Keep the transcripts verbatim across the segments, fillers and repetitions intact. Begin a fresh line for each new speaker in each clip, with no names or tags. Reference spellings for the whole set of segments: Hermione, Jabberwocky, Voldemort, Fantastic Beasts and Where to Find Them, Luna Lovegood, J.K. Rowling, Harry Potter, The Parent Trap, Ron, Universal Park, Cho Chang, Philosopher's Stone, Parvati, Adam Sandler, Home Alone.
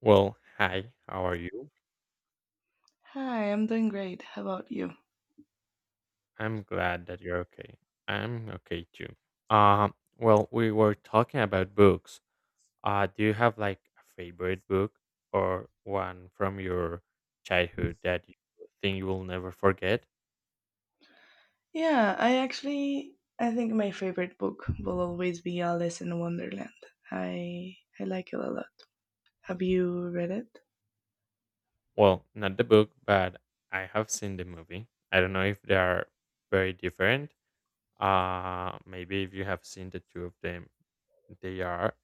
Well, hi, how are you?
Hi, I'm doing great. How about you?
I'm glad that you're okay. I'm okay too. Um, well, we were talking about books. Uh, do you have like a favorite book or one from your childhood that you think you will never forget?
Yeah, I actually I think my favorite book will always be Alice in Wonderland. I I like it a lot. Have you read it?
Well, not the book, but I have seen the movie. I don't know if they are very different. Uh, maybe if you have seen the two of them, they are.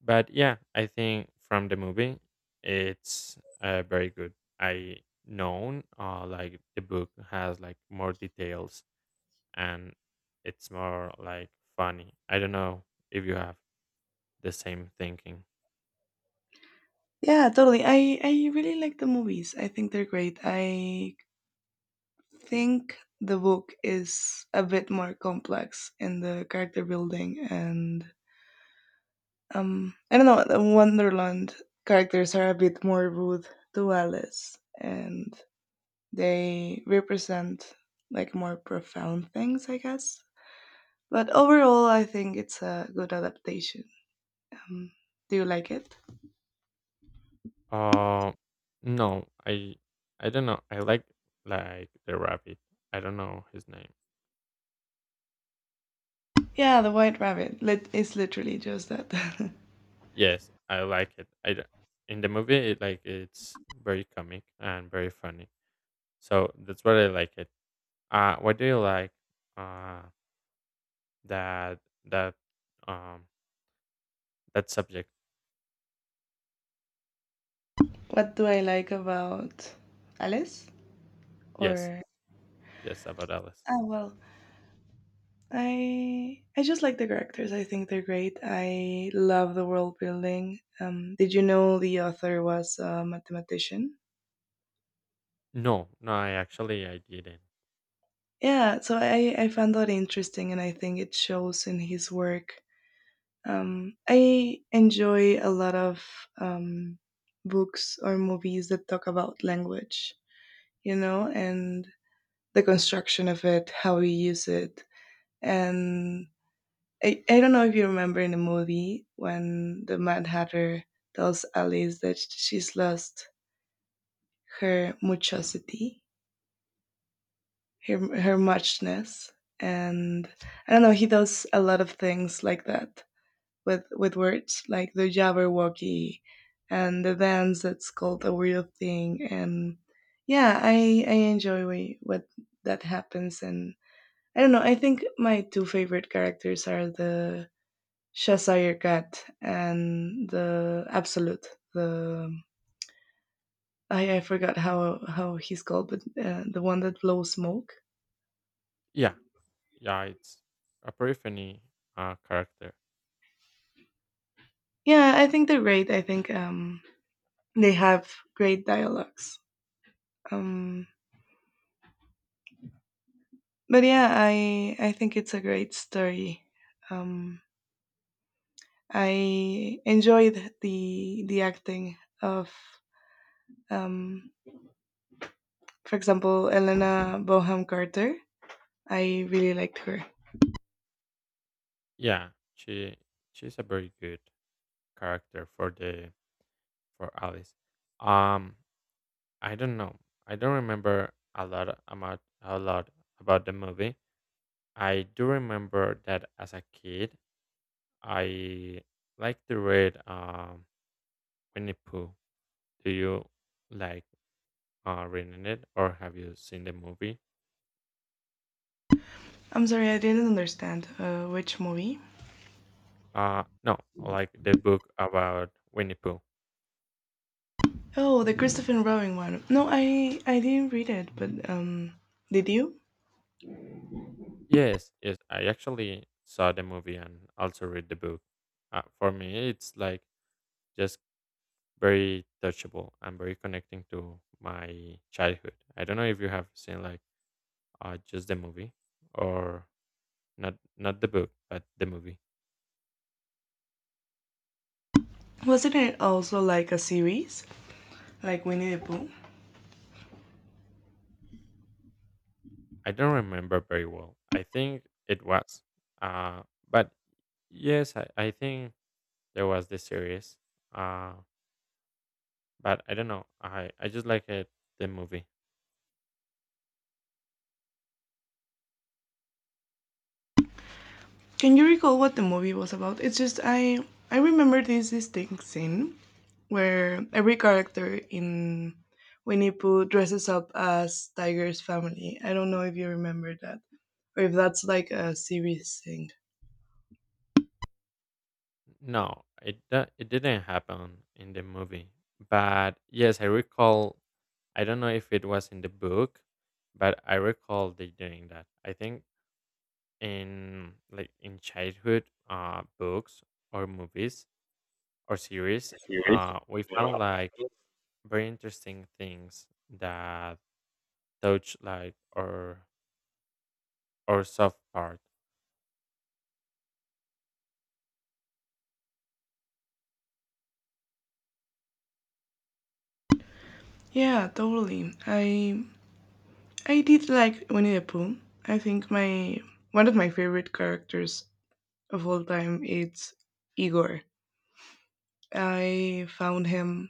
But yeah, I think from the movie, it's uh, very good. I known uh, like the book has like more details and it's more like funny. I don't know if you have the same thinking.
Yeah, totally. I I really like the movies. I think they're great. I think the book is a bit more complex in the character building and um I don't know, the Wonderland characters are a bit more rude to Alice and they represent like more profound things, I guess. But overall, I think it's a good adaptation. Um, do you like it?
Uh, no, I I don't know. I like like the rabbit. I don't know his name.
Yeah, The White Rabbit. Lit- it's literally just that.
Yes, I like it. I d- in the movie it like it's very comic and very funny. So that's what I like it. Uh, what do you like? Uh, that that um that subject?
What do I like about Alice?
Yes,
Or
yes, about Alice.
ah, well, I I just like the characters. I think they're great. I love the world building. Um, did you know the author was a mathematician?
No, no, I actually I didn't.
Yeah, so I I found that interesting, and I think it shows in his work. Um, I enjoy a lot of um, books or movies that talk about language, you know, and the construction of it, how we use it. And I, I don't know if you remember in the movie when the Mad Hatter tells Alice that she's lost her muchosity, her, her muchness. And I don't know, he does a lot of things like that with with words like the Jabberwocky and the dance that's called a real thing. And yeah, i i enjoy what that happens. And I don't know, I think my two favorite characters are the shazire cat and the absolute the i i forgot how how he's called, but uh, the one that blows smoke.
Yeah, yeah, it's a pretty funny uh character.
Yeah, I think they're great. I think um they have great dialogues. um but yeah, i i think it's a great story. um I enjoyed the the acting of, um for example, Elena Boham Carter. I really liked her.
Yeah, she she's a very good character for the for Alice. Um, I don't know. I don't remember a lot about a lot about the movie. I do remember that as a kid, I like to read um Winnie Pooh. Do you like uh, reading it or have you seen the movie?
I'm sorry, I didn't understand uh, which movie?
Uh, no, like the book about Winnie Pooh.
Oh, the Christopher Robin one? No, i i didn't read it, but um did you?
Yes, yes, I actually saw the movie and also read the book. Uh, for me, it's like just very touchable and very connecting to my childhood. I don't know if you have seen like uh, just the movie or not, not the book, but the movie.
Wasn't it also like a series, like Winnie the Pooh?
I don't remember very well. I think it was. Uh, but yes, I, I think there was the series. Uh, but I don't know. I, I just like it, the movie.
Can you recall what the movie was about? It's just i i remember this distinct scene where every character in Winnie Pooh dresses up as Tiger's family. I don't know if you remember that, or if that's like a series thing.
No, it do- it didn't happen in the movie. But yes, I recall. I don't know if it was in the book, but I recall they doing that. I think in like in childhood uh books or movies or series
Series?
uh we found like very interesting things that touch like our our soft part.
Yeah, totally. I I did like Winnie the Pooh. I think my one of my favorite characters of all time is Igor. I found him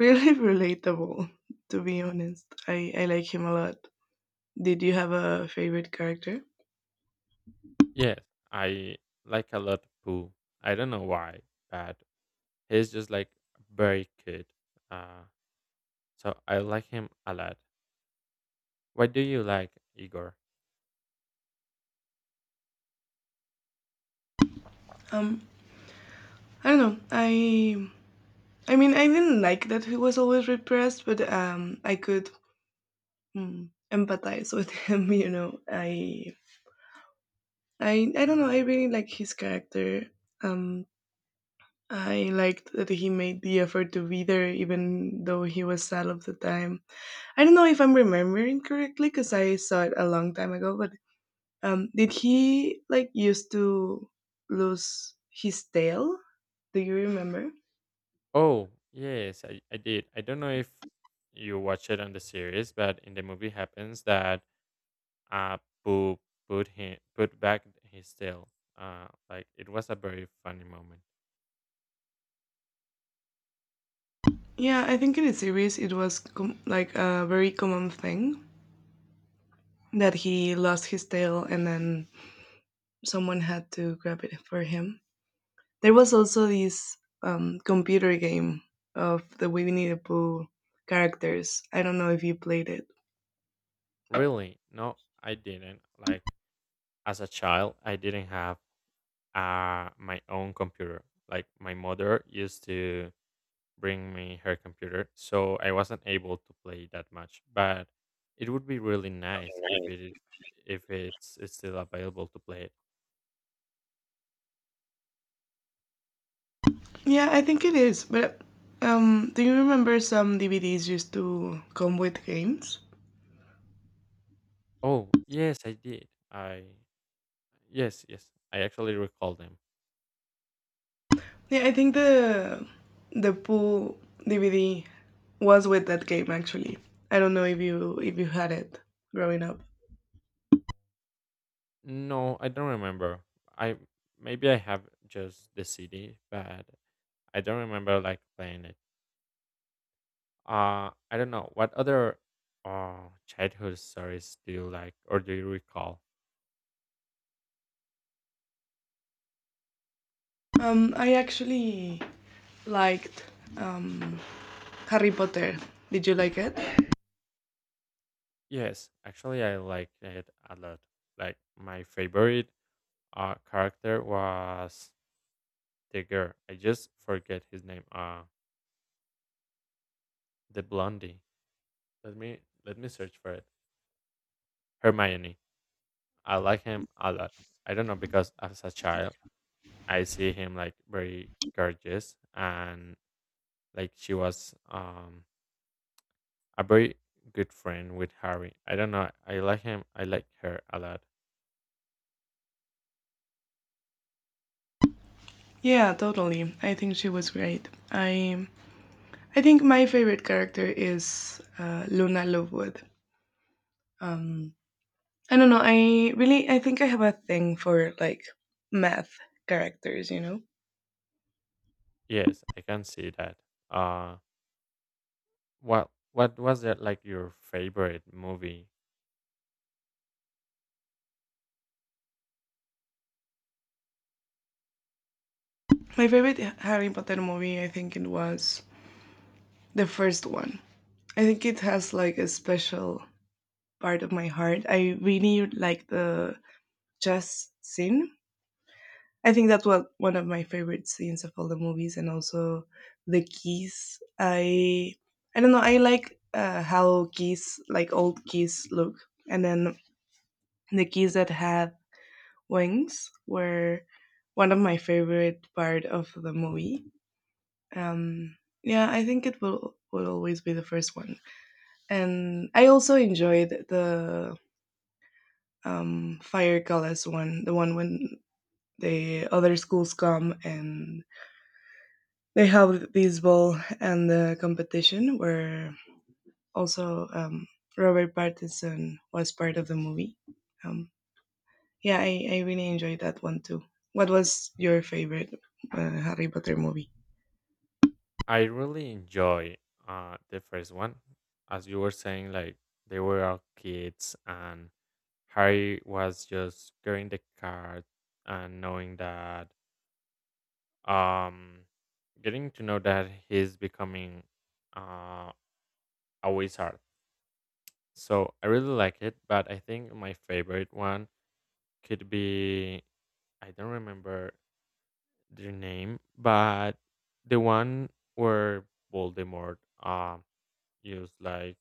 really relatable, to be honest. I, I like him a lot. Did you have a favorite character?
Yes, I like a lot Pooh. I don't know why, but he's just like very cute. Uh, so I like him a lot. What do you like, Igor?
Um, I don't know. I I mean, I didn't like that he was always repressed, but um, I could, mm, empathize with him. You know, I, I, I don't know. I really like his character. Um, I liked that he made the effort to be there, even though he was sad all the time. I don't know if I'm remembering correctly because I saw it a long time ago. But um, did he like used to lose his tail? Do you remember?
Oh yes, I, I did. I don't know if you watch it on the series, but in the movie happens that uh Pooh put him put back his tail. Uh, like it was a very funny moment.
Yeah, I think in the series it was com- like a very common thing. That he lost his tail and then someone had to grab it for him. There was also this um, computer game of the Winnie the Pooh characters. I don't know if you played it.
Really? No, I didn't. Like as a child, I didn't have uh my own computer. Like my mother used to bring me her computer, so I wasn't able to play that much. But it would be really nice if it if it's, it's still available to play it.
Yeah, I think it is. But um, do you remember some D V Ds used to come with games?
Oh, yes, I did. I yes, yes. I actually recall them.
Yeah, I think the the Pooh D V D was with that game actually. I don't know if you if you had it growing up.
No, I don't remember. I Maybe I have just the C D, but I don't remember like playing it. uh I don't know what other uh childhood stories do you like or do you recall?
Um, I actually liked, um, Harry Potter. Did you like it?
Yes, actually I like it a lot. Like my favorite uh character was the girl. I just forget his name. Uh the blondie. let me Let me search for it. Hermione. I like him a lot. I don't know. Because as a child, I see him like very gorgeous, and like she was um a very good friend with Harry. I don't know. I like him. I like her a lot.
Yeah, totally. I think she was great. I I think my favorite character is uh, Luna Lovegood. Um, I don't know. I really I think I have a thing for like math characters. You know,
Yes, I can see that. Uh, what what was that, like your favorite movie?
my favorite Harry Potter movie. I think it was the first one. I think it has like a special part of my heart. I really like the chess scene. I think that's what one of my favorite scenes of all the movies, and also the keys. I I don't know. I like uh, how keys, like old keys, look, and then the keys that had wings were one of my favorite part of the movie. Um, yeah, I think it will will always be the first one, and I also enjoyed the, um, fire colors one, the one when the other schools come and they held this ball and the competition where also, um, Robert Pattinson was part of the movie. Um, yeah, I, I really enjoyed that one too. What was your favorite, uh, Harry Potter movie?
I really enjoy uh the first one. As you were saying, like they were all kids, and Harry was just getting the card and knowing that um getting to know that he's becoming uh a wizard. So I really like it, but I think my favorite one could be, I don't remember their name, but the one where Voldemort uh used like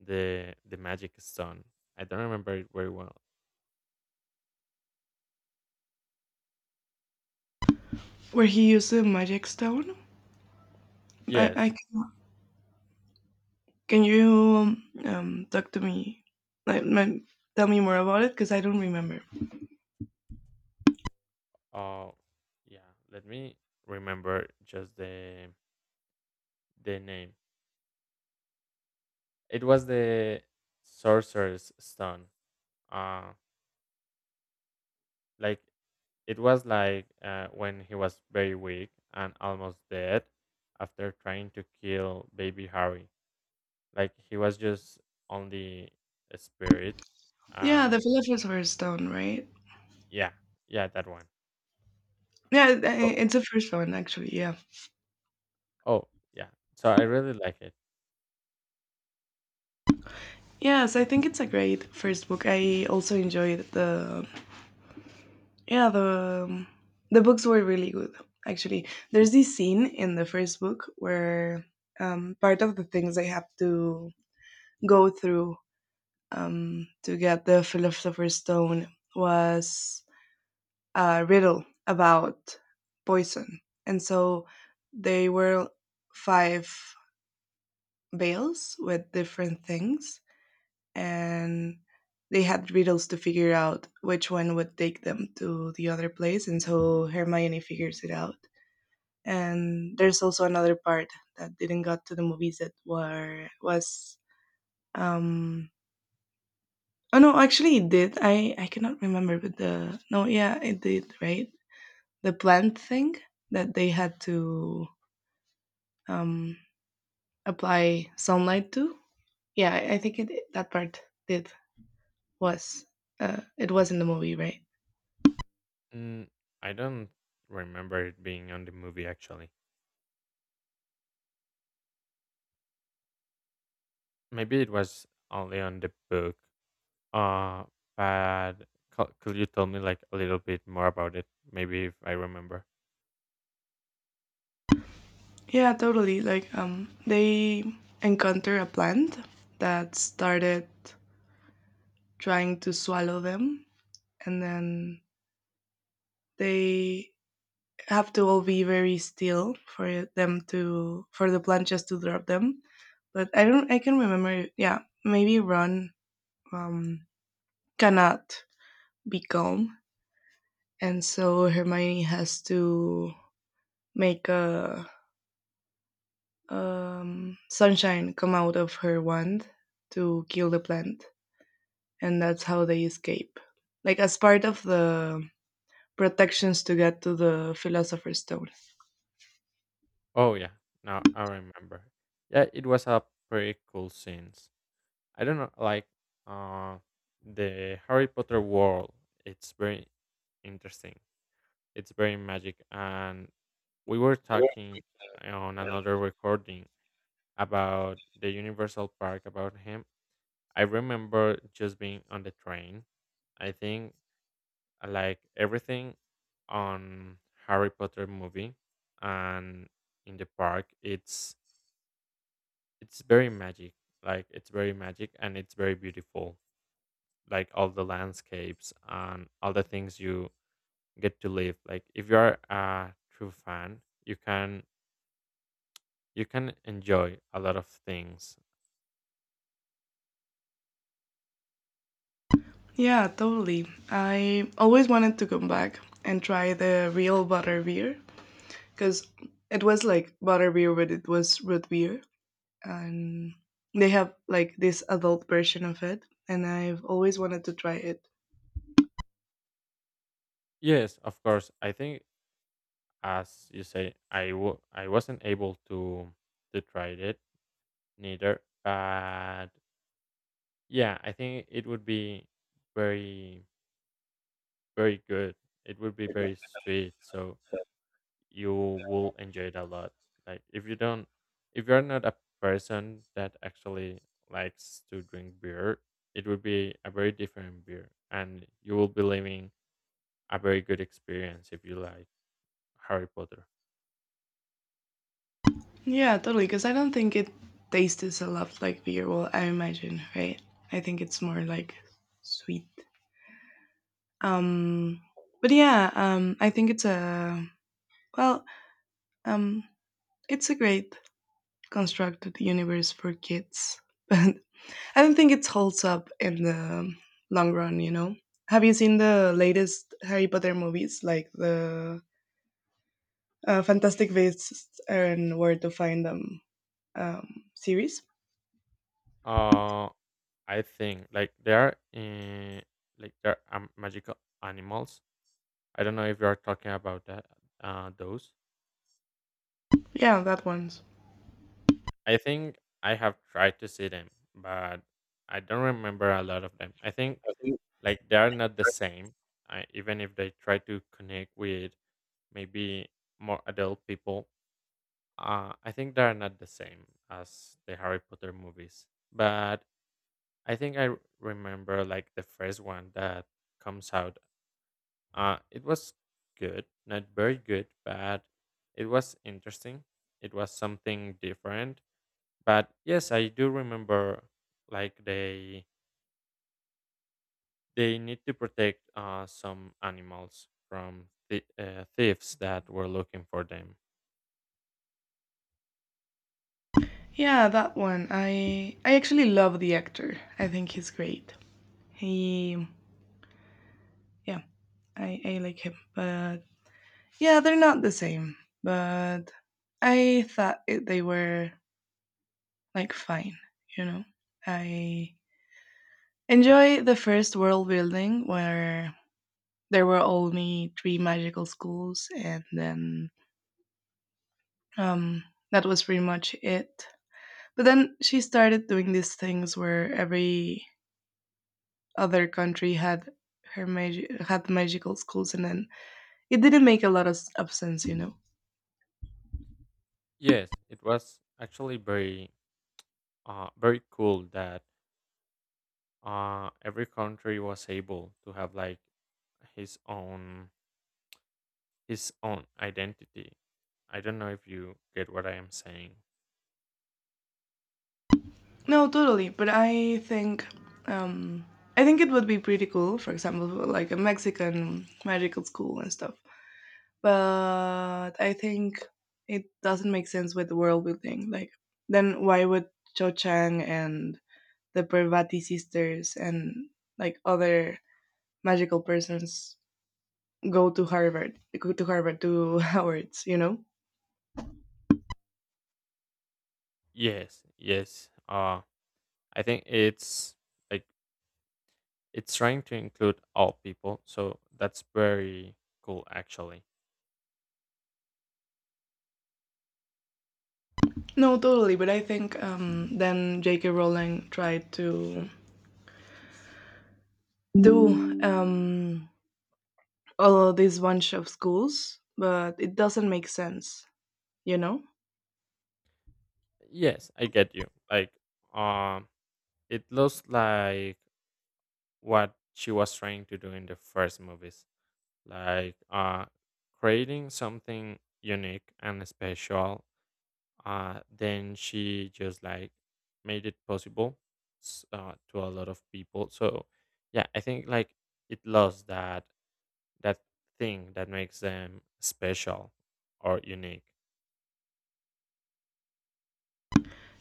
the the magic stone. I don't remember it very well.
Where he used the magic stone? I, I
Yes.
c- can you, um, talk to me, like, my, tell me more about it because I don't remember.
Uh yeah, let me remember just the the name. It was the sorcerer's stone. Uh like it was like uh, when he was very weak and almost dead after trying to kill baby Harry. Like he was just only a spirit.
Yeah, the
And
Philosopher's Stone, right?
yeah, yeah, that one.
Yeah, i-
So
it's the first one actually. Yeah.
Oh, yeah. So I really like it.
Yes, I think it's a great first book. I also enjoyed the yeah the the books were really good actually. There's this scene in the first book where, um, part of the things they have to go through, um, to get the philosopher's stone was a riddle about poison, and so they were five bales with different things and they had riddles to figure out which one would take them to the other place, and so Hermione figures it out. And there's also another part that didn't got to the movies that were was um oh no, actually it did. I I cannot remember, but the no yeah it did, right? The plant thing that they had to um apply sunlight to. Yeah, I I think it that part did, was uh it was in the movie, right?
Mm, I don't remember it being on the movie actually. Maybe it was only on the book. Uh, but co- could you tell me like a little bit more about it? Maybe if I remember.
Yeah, totally. Like, um, they encounter a plant that started trying to swallow them, and then they have to all be very still for them to for the plant just to drop them. But I don't. I can remember. Yeah, maybe Ron, um, cannot be calm, and so Hermione has to make a, um, sunshine come out of her wand to kill the plant. And that's how they escape. Like, as part of the protections to get to the Philosopher's Stone.
Oh yeah, now I remember. Yeah, it was a pretty cool scenes. I don't know, like uh, the Harry Potter world. It's very interesting. It's very magic, and we were talking eh, on another recording about the Universal Park about him. I remember just being on the train. I think I like everything on Harry Potter movie and in the park. It's It's very magic. Like it's very magic and it's very beautiful. Like all the landscapes and all the things you get to live. Like if you are a true fan, you can you can enjoy a lot of things.
Yeah, totally. I always wanted to come back and try the real butter beer because it was like butter beer, but it was root beer, and they have like this adult version of it, and I've always wanted to try it.
Yes, of course. I think as you say, I w- I wasn't able to to try it neither. But yeah, I think it would be very very good. It would be very sweet. So you will enjoy it a lot. Like if you don't, if you're not a person that actually likes to drink beer, it would be a very different beer, and you will be living a very good experience if you like Harry Potter.
Yeah, totally. Because I don't think it tastes a lot like beer. Well, I imagine, right? I think it's more like sweet. Um, but yeah, um, I think it's a, well, um, it's a great constructed universe for kids, but I don't think it holds up in the long run. You know, have you seen the latest Harry Potter movies, like the, uh, Fantastic Beasts and Where to Find Them, um, series?
Uh, I think like there are uh, like there are um, magical animals. I don't know if you are talking about that. Uh, those.
Yeah, that one's.
I think I have tried to see them, but I don't remember a lot of them. I think like they are not the same. I, even if they try to connect with maybe more adult people, uh, I think they are not the same as the Harry Potter movies. But I think i r- remember like the first one that comes out. Uh, it was good, not very good, but it was interesting, it was something different. But yes, I do remember like they they need to protect uh, some animals from th- uh, thieves that were looking for them.
Yeah, that one. I I actually love the actor. I think he's great. He Yeah, I I like him, but yeah, they're not the same, but I thought it, they were like fine, you know. I enjoy the first world building where there were only three magical schools and then um that was pretty much it. But then she started doing these things where every other country had her magi- had magical schools and then it didn't make a lot of, s- of sense, you know.
Yes, it was actually very, uh, very cool that uh, every country was able to have like his own his own identity. I don't know if you get what I am saying.
No, totally. But I think um, I think it would be pretty cool. For example, like a Mexican magical school and stuff. But I think it doesn't make sense with the world building. Like, then why would Cho Chang and the Parvati sisters and like other magical persons go to Harvard? Go to Harvard to Howard's, you know?
Yes, yes. Uh, I think it's like it's trying to include all people, so that's very cool actually.
No, totally. But I think, um, then J K. Rowling tried to do, um, all of this bunch of schools, but it doesn't make sense, you know?
Yes, I get you. Like, um, it looks like what she was trying to do in the first movies, like uh, creating something unique and special. Uh, then she just like made it possible s- uh, to a lot of people. So, yeah, I think like it lost that that thing that makes them special or unique.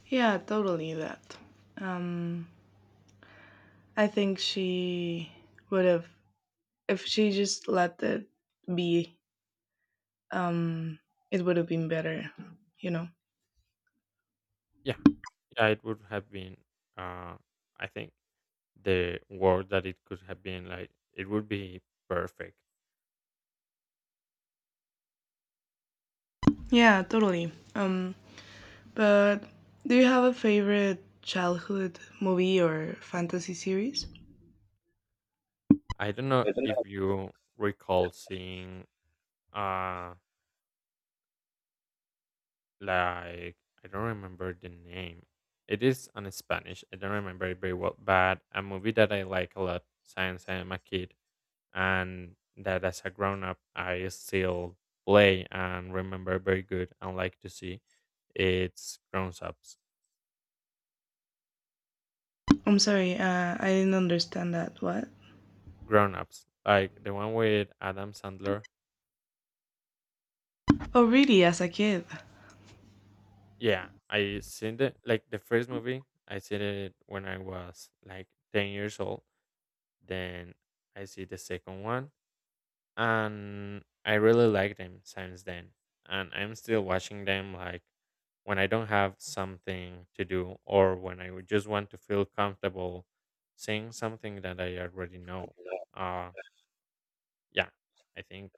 Yeah, totally that. Um, I think she would have, if she just let it be, um, it would have been better, you know?
Yeah, yeah, it would have been. Uh, I think the world that it could have been, like it would be perfect.
Yeah, totally. Um, but do you have a favorite childhood movie or fantasy series?
I don't know if you recall seeing uh like I don't remember the name. It is on Spanish, I don't remember it very well, but a movie that I like a lot since I am a kid, and that as a grown up I still play and remember very good and like to see, it's grown ups.
I'm sorry, uh, I didn't understand that. What?
Grown ups, like the one with Adam Sandler.
Oh, really? As a kid?
Yeah, I seen the like the first movie. I seen it when I was like ten years old. Then I see the second one, and I really like them since then. And I'm still watching them like when I don't have something to do or when I would just want to feel comfortable seeing something that I already know. Uh yeah, I think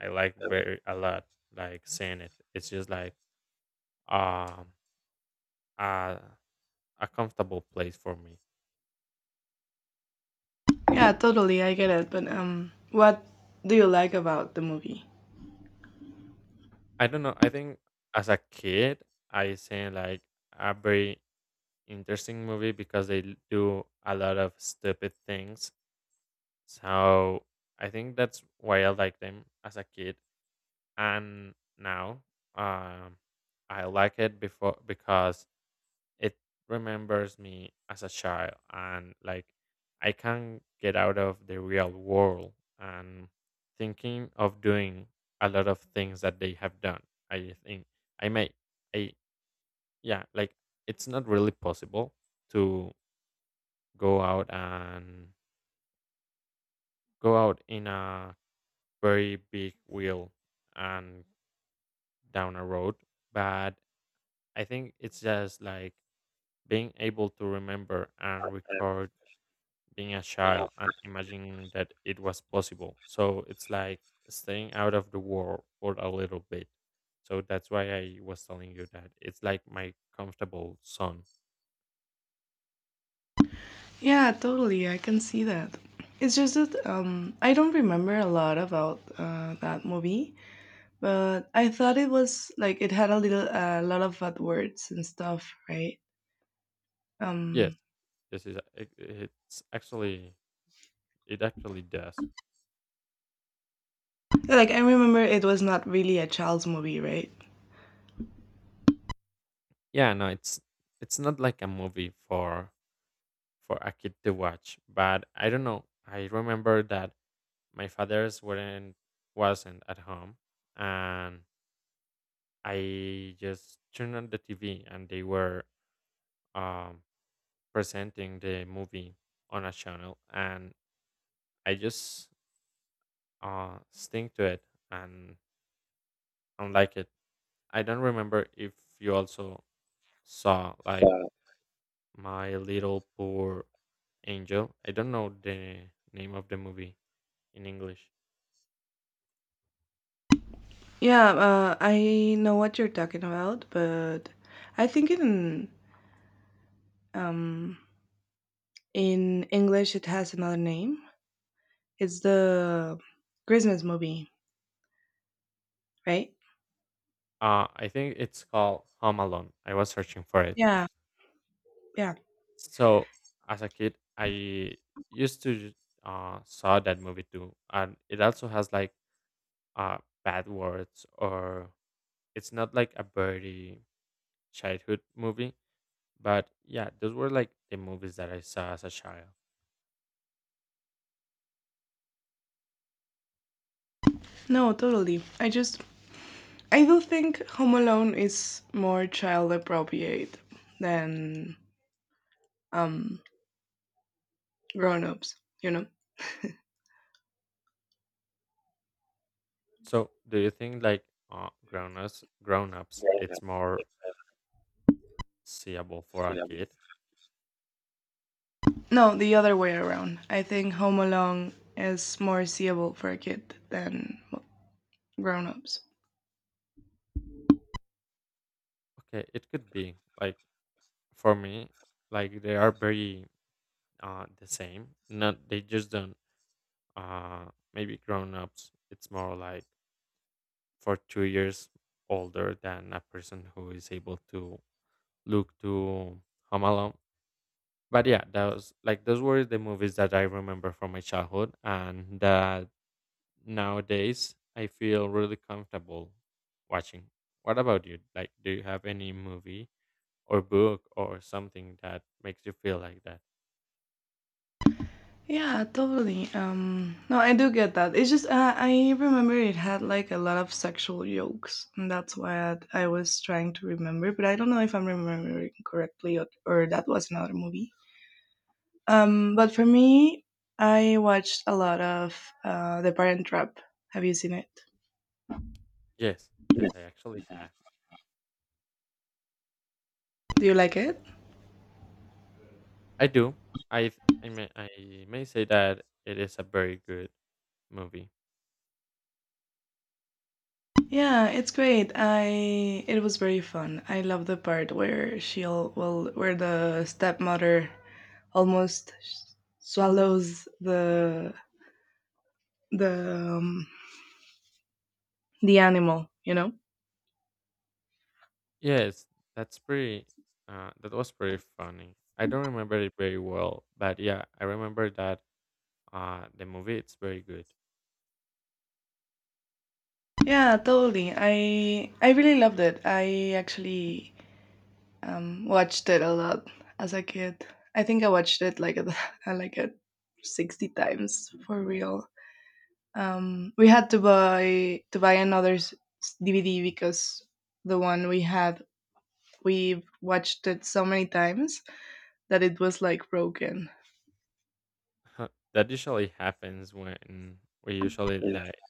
I like very a lot like seeing it. It's just like um uh a comfortable place for me.
Yeah, totally, I get it. But um, what do you like about the movie?
I don't know. I think as a kid, I seen like a very interesting movie because they l- do a lot of stupid things. So I think that's why I like them as a kid, and now um, I like it before because it remembers me as a child, and like I can get out of the real world and thinking of doing a lot of things that they have done. I think I may I yeah, like it's not really possible to go out and go out in a very big wheel and down a road. But I think it's just like being able to remember and record being a child and imagining that it was possible. So it's like staying out of the world for a little bit. So that's why I was telling you that it's like my comfortable zone.
Yeah, totally, I can see that. It's just that um, I don't remember a lot about uh, that movie, but I thought it was like it had a little, a lot of bad words and stuff, right?
Yes,
Um,
this is it- it's actually it actually does.
like I remember it was not really a child's movie, right?
Yeah, no, it's it's not like a movie for for a kid to watch, but I don't know. I remember that my father's weren't wasn't at home, and I just turned on the T V and they were um, presenting the movie on a channel, and I just uh, stick to it and and like it. I don't remember if you also saw like My Little Poor Angel. I don't know the name of the movie in English.
Yeah, uh, I know what you're talking about, but I think in um, in English it has another name. It's the Christmas movie, right?
Uh, I think it's called Home Alone. I was searching for it.
Yeah, yeah.
So as a kid, I used to uh, saw that movie too, and it also has like uh, bad words, or it's not like a very childhood movie, but yeah, those were like the movies that I saw as a child.
No, totally. I just I do think Home Alone is more child appropriate than um grown-ups, you know.
So do you think like uh, grown ups, grown ups, it's more seeable for a kid?
No, the other way around. I think Home Alone is more seeable for a kid than grown-ups.
Okay, it could be like for me, like they are very uh, the same. Not they just don't uh, maybe grown ups, it's more like for two years older than a person who is able to look to Home Alone. But yeah, those like those were the movies that I remember from my childhood, and that nowadays I feel really comfortable watching. What about you? Like, do you have any movie or book or something that makes you feel like that?
Yeah, totally. Um, no, I do get that. It's just uh, I remember it had like a lot of sexual jokes, and that's what I was trying to remember. But I don't know if I'm remembering correctly, or, or that was another movie. Um, but for me, I watched a lot of, uh, The Parent Trap. Have you seen it?
Yes, yes, I actually have.
Do you like it?
I do. I th- I may I may say that it is a very good movie.
Yeah, it's great. I it was very fun. I love the part where she'll well, where the stepmother almost swallows the the um, the animal you know
Yes, that's pretty. Uh, that was pretty funny. I don't remember it very well, but yeah, I remember that. Uh, the movie it's very good.
Yeah, totally. I i really loved it. I actually um watched it a lot as a kid. I think I watched it like a, like a sixty times for real. um we had to buy to buy another s- DVD because the one we had, we watched it so many times that it was like broken.
That usually happens when we usually like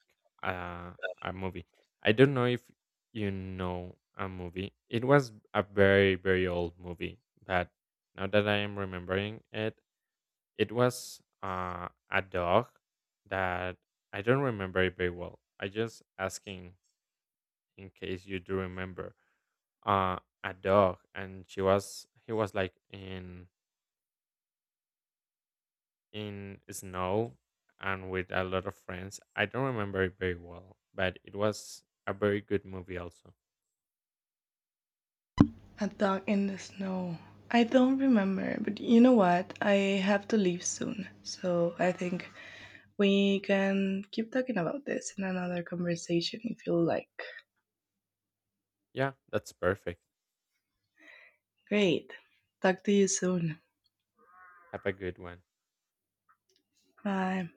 uh, a movie. I don't know if you know a movie. It was a very very old movie, but now that I am remembering it, it was uh, a dog that, I don't remember it very well. I just asking in case you do remember uh, a dog, and she was he was like in in snow and with a lot of friends. I don't remember it very well, but it was a very good movie also.
A dog in the snow. I don't remember, but you know what? I have to leave soon. So I think we can keep talking about this in another conversation if you like.
Yeah, that's perfect.
Great. Talk to you soon.
Have a good one.
Bye.